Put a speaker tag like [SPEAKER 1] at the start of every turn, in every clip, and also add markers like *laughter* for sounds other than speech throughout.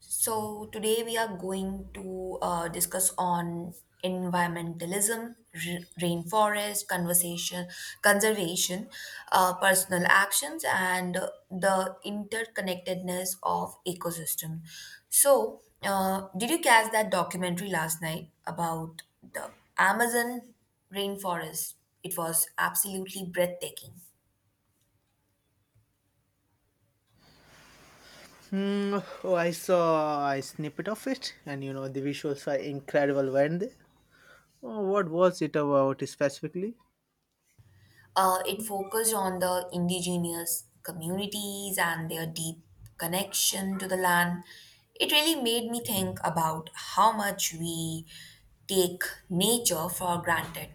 [SPEAKER 1] So today we are going to discuss on environmentalism, rainforest conversation, conservation, personal actions, and the interconnectedness of ecosystem. So, did you catch that documentary last night about the Amazon rainforest? It was absolutely breathtaking.
[SPEAKER 2] Mm, oh, I saw a snippet of it, and you know the visuals were incredible, weren't they? Oh, what was it about specifically?
[SPEAKER 1] It focused on the indigenous communities and their deep connection to the land. It really made me think about how much we take nature for granted.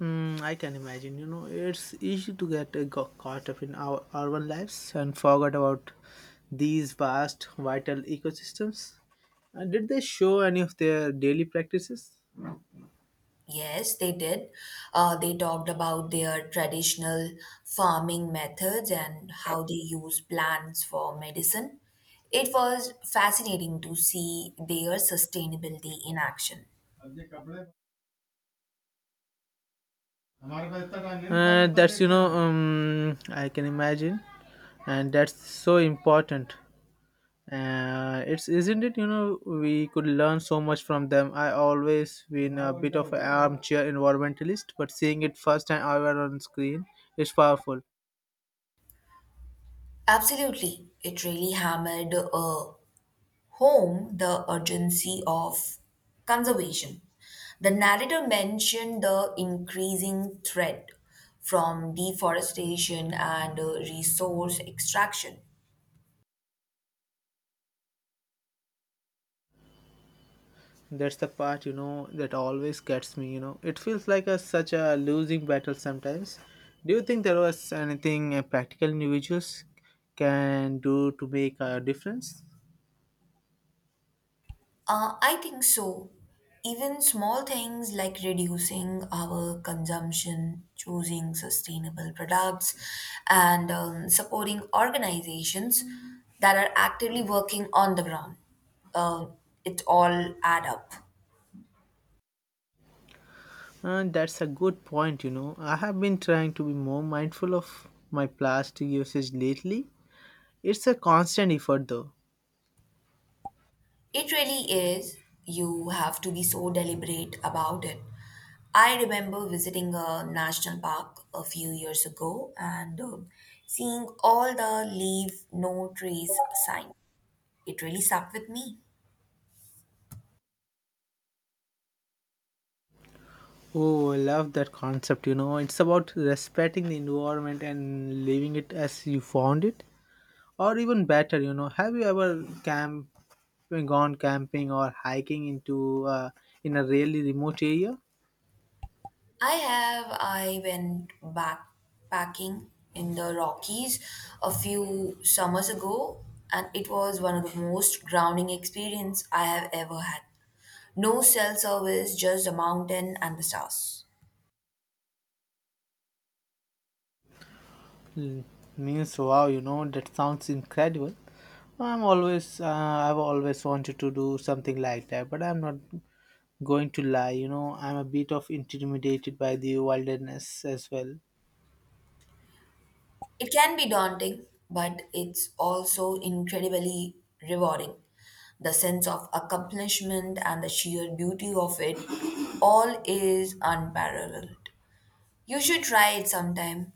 [SPEAKER 2] Mm, I can imagine. You know, it's easy to get got caught up in our urban lives and forget about these vast, vital ecosystems. And did they show any of their daily practices?
[SPEAKER 1] Yes, they did. They talked about their traditional farming methods and how they use plants for medicine. It was fascinating to see their sustainability in action.
[SPEAKER 2] That's I can imagine, and that's so important. It's isn't it? You know, we could learn so much from them. I always been a bit of an armchair environmentalist, but seeing it first time ever on screen is powerful.
[SPEAKER 1] Absolutely. It really hammered home the urgency of conservation. The narrator mentioned the increasing threat from deforestation and resource extraction.
[SPEAKER 2] That's the part you know that always gets me. You know, it feels like a such a losing battle sometimes. Do you think there was anything practical individuals can do to make a difference?
[SPEAKER 1] I think so. Even small things like reducing our consumption, choosing sustainable products, and supporting organizations that are actively working on the ground. Uh, it all add up.
[SPEAKER 2] And that's a good point, you know. I have been trying to be more mindful of my plastic usage lately. It's a constant effort though.
[SPEAKER 1] It really is. You have to be so deliberate about it. I remember visiting a national park a few years ago and seeing all the leave no trace sign. It really stuck with me.
[SPEAKER 2] Oh, I love that concept, you know. It's about respecting the environment and leaving it as you found it. Or even better, you know, have you ever camp gone camping or hiking into in a really remote area?
[SPEAKER 1] I have, I went backpacking in the Rockies a few summers ago and it was one of the most grounding experience I have ever had. No cell service, just a mountain and the stars.
[SPEAKER 2] Mm, means wow, you know, that sounds incredible. I've always wanted to do something like that, but I'm not going to lie, you know, I'm a bit of intimidated by the wilderness as well.
[SPEAKER 1] It can be daunting, but it's also incredibly rewarding. The sense of accomplishment and the sheer beauty of it all is unparalleled. You should try it sometime.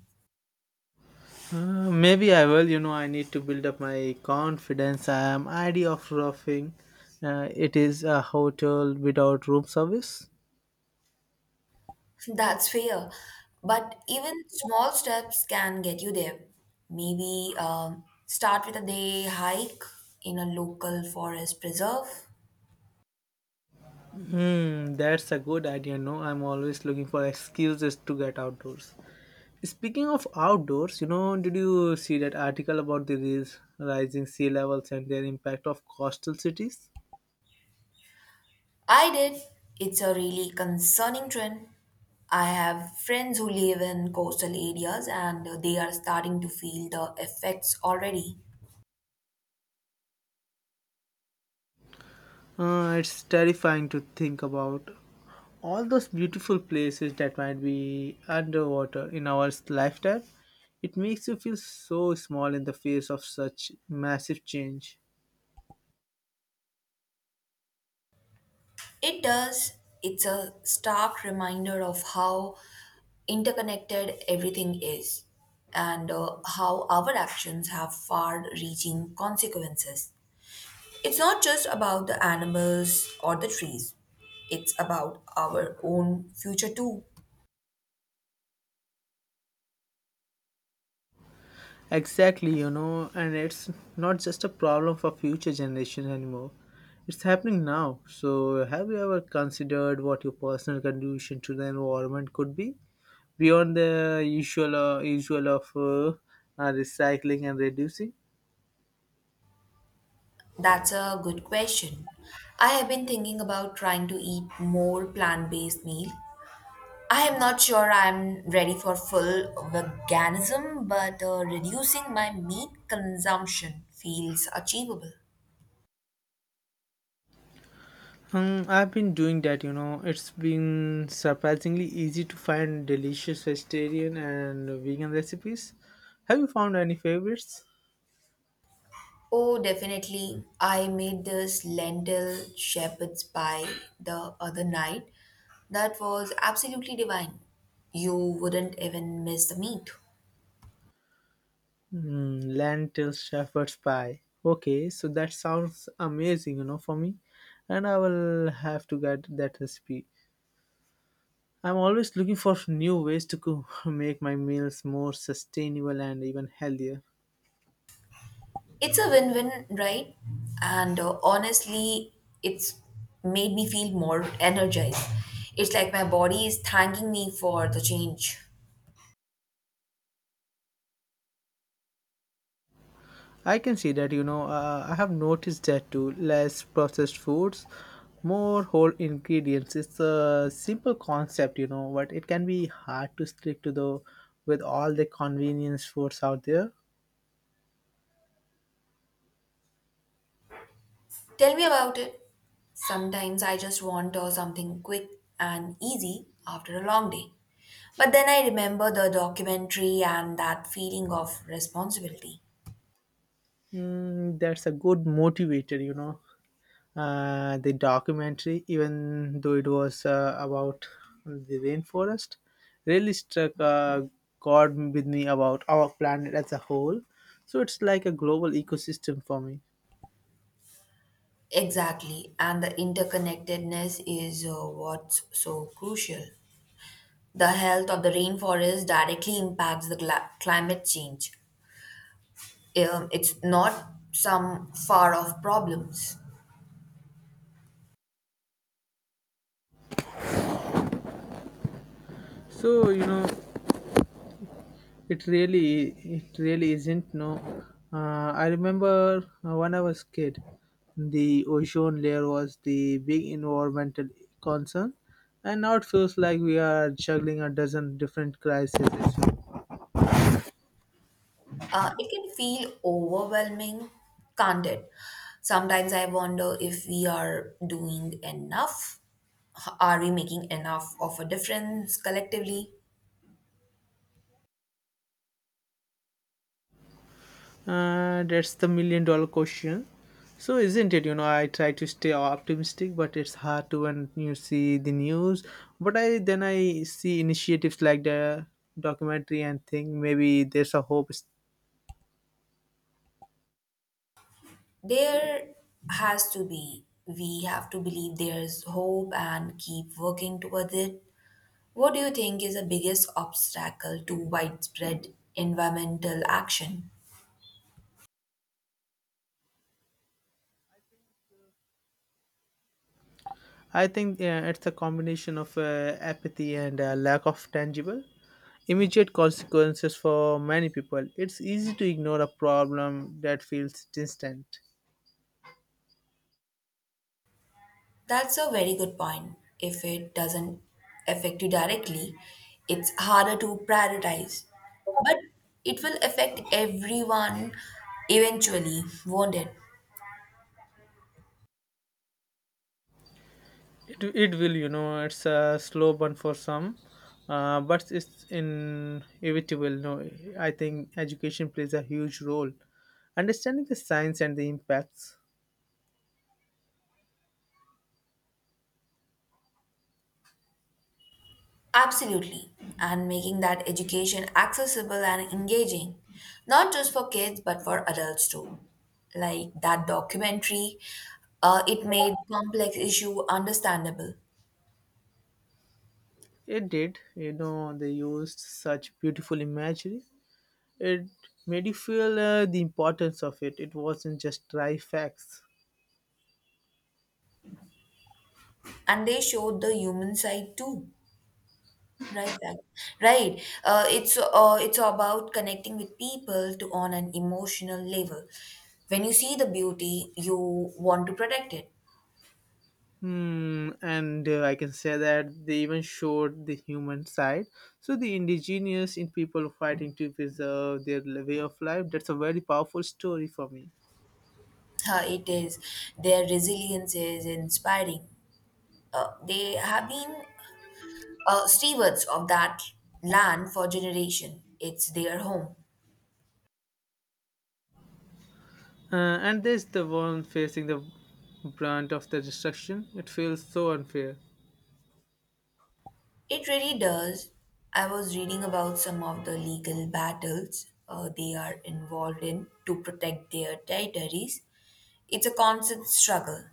[SPEAKER 2] Maybe I will. You know, I need to build up my confidence. I am idea of roughing. It is a hotel without room service.
[SPEAKER 1] *laughs* That's fair. But even small steps can get you there. Maybe start with a day hike in a local forest preserve.
[SPEAKER 2] Hmm, that's a good idea. No, I'm always looking for excuses to get outdoors. Speaking of outdoors, you know, did you see that article about the rising sea levels and their impact of coastal cities?
[SPEAKER 1] I did. It's a really concerning trend. I have friends who live in coastal areas and they are starting to feel the effects already.
[SPEAKER 2] It's terrifying to think about all those beautiful places that might be underwater in our lifetime. It makes you feel so small in the face of such massive change.
[SPEAKER 1] It does. It's a stark reminder of how interconnected everything is and how our actions have far reaching consequences. It's not just about the animals or the trees, it's about our own future too.
[SPEAKER 2] Exactly, you know, and it's not just a problem for future generations anymore. It's happening now. So, have you ever considered what your personal contribution to the environment could be beyond the usual of recycling and reducing?
[SPEAKER 1] That's a good question. I have been thinking about trying to eat more plant-based meal. I am not sure I'm ready for full veganism, but reducing my meat consumption feels achievable.
[SPEAKER 2] I've been doing that, you know. It's been surprisingly easy to find delicious vegetarian and vegan recipes. Have you found any favorites?
[SPEAKER 1] Oh, definitely. I made this lentil shepherd's pie the other night. That was absolutely divine. You wouldn't even miss the meat.
[SPEAKER 2] Hmm, lentil shepherd's pie. Okay, so that sounds amazing, you know, for me. And I will have to get that recipe. I'm always looking for new ways to cook, *laughs* make my meals more sustainable and even healthier.
[SPEAKER 1] It's a win win, right? And honestly, it's made me feel more energized. It's like my body is thanking me for the change.
[SPEAKER 2] I can see that, you know, I have noticed that too. Less processed foods, more whole ingredients. It's a simple concept, you know, but it can be hard to stick to the with all the convenience foods out there.
[SPEAKER 1] Tell me about it. Sometimes I just want something quick and easy after a long day. But then I remember the documentary and that feeling of responsibility.
[SPEAKER 2] Mm, that's a good motivator, you know. The documentary, even though it was about the rainforest, really struck chord with me about our planet as a whole. So it's like a global ecosystem for me.
[SPEAKER 1] Exactly, and the interconnectedness is what's so crucial. The health of the rainforest directly impacts the climate change. It's not some far off problems.
[SPEAKER 2] So you know, it really, it really isn't. No, uh, I remember when I was kid, the ozone layer was the big environmental concern, and now it feels like we are juggling a dozen different crises.
[SPEAKER 1] It can feel overwhelming, can't it? Sometimes I wonder if we are doing enough. Are we making enough of a difference collectively?
[SPEAKER 2] That's the million dollar question. So isn't it? You know, I try to stay optimistic, but it's hard to when you see the news. But I then I see initiatives like the documentary and think maybe there's a hope.
[SPEAKER 1] There has to be. We have to believe there's hope and keep working towards it. What do you think is the biggest obstacle to widespread environmental action?
[SPEAKER 2] I think it's a combination of apathy and lack of tangible, immediate consequences for many people. It's easy to ignore a problem that feels distant.
[SPEAKER 1] That's a very good point. If it doesn't affect you directly, it's harder to prioritize. But it will affect everyone eventually, won't it?
[SPEAKER 2] It will, you know, it's a slow burn for some, but it's inevitable. No, I think education plays a huge role. Understanding the science and the impacts
[SPEAKER 1] Absolutely. And making that education accessible and engaging, not just for kids, but for adults too. Like that documentary, it made complex issue understandable.
[SPEAKER 2] it did, you know, they used such beautiful imagery. It made you feel the importance of it. It wasn't just dry facts.
[SPEAKER 1] And they showed the human side too. Right back, right, it's about connecting with people to on an emotional level. When you see the beauty you want to protect it.
[SPEAKER 2] Hmm, and I can say that they even showed the human side. So the indigenous in people fighting to preserve their way of life. That's a very powerful story for me.
[SPEAKER 1] It is. Their resilience is inspiring. They have been stewards of that land for generation. It's their home.
[SPEAKER 2] Uh, and there's the one facing the brunt of the destruction. It feels so unfair.
[SPEAKER 1] It really does. I was reading about some of the legal battles they are involved in to protect their territories. It's a constant struggle.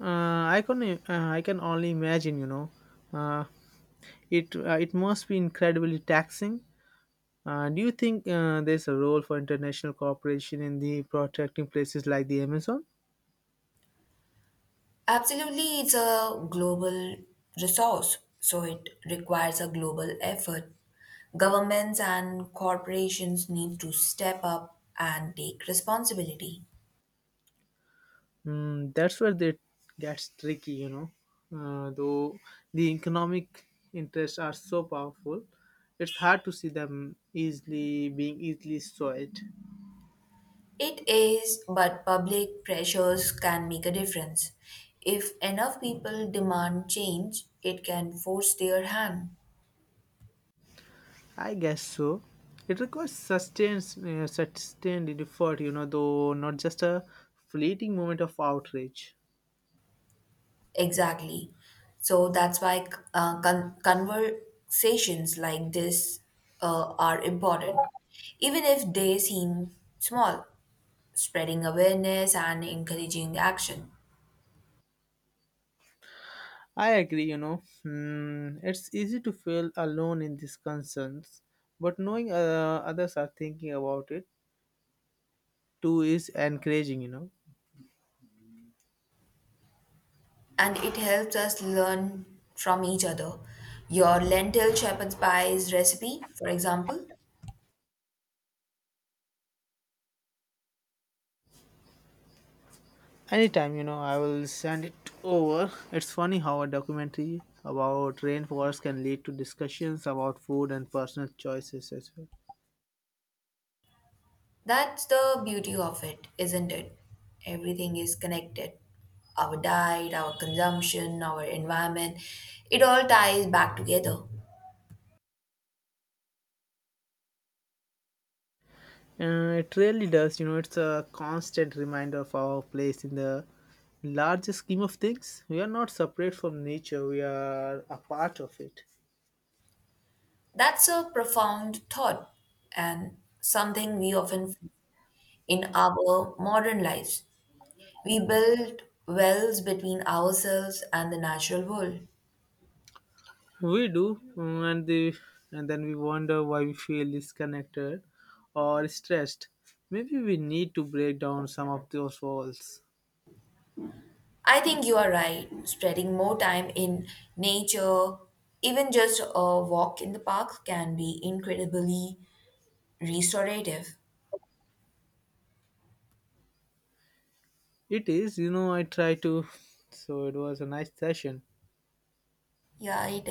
[SPEAKER 2] I can only imagine. You know, uh, it must be incredibly taxing. Do you think there's a role for international cooperation in the protecting places like the Amazon?
[SPEAKER 1] Absolutely, it's a global resource, so it requires a global effort. Governments and corporations need to step up and take responsibility.
[SPEAKER 2] Mm, that's where it gets tricky, you know. Though the economic interests are so powerful, it's hard to see them easily being easily sold.
[SPEAKER 1] It is, but public pressures can make a difference. If enough people demand change, it can force their hand.
[SPEAKER 2] I guess so. It requires sustained effort, you know, though not just a fleeting moment of outrage.
[SPEAKER 1] Exactly. So that's why conversations like this are important, even if they seem small, spreading awareness and encouraging action.
[SPEAKER 2] I agree, you know. Hmm, it's easy to feel alone in these concerns, but knowing others are thinking about it too is encouraging, you know.
[SPEAKER 1] And it helps us learn from each other. Your lentil shepherd's pie's recipe, for example.
[SPEAKER 2] Anytime, you know, I will send it over. It's funny how a documentary about rainforest can lead to discussions about food and personal choices as well.
[SPEAKER 1] That's the beauty of it, isn't it? Everything is connected. Our diet, our consumption, our environment, it all ties back together.
[SPEAKER 2] It really does, you know, it's a constant reminder of our place in the larger scheme of things. We are not separate from nature, we are a part of it.
[SPEAKER 1] That's a profound thought and something we often forget in our modern lives. We build wells between ourselves and the natural world.
[SPEAKER 2] We do, mm, and then we wonder why we feel disconnected or stressed. Maybe we need to break down some of those walls.
[SPEAKER 1] I think you are right. Spreading more time in nature, even just a walk in the park, can be incredibly restorative.
[SPEAKER 2] It is, you know, I try to. So it was a nice session.
[SPEAKER 1] Yeah, it is.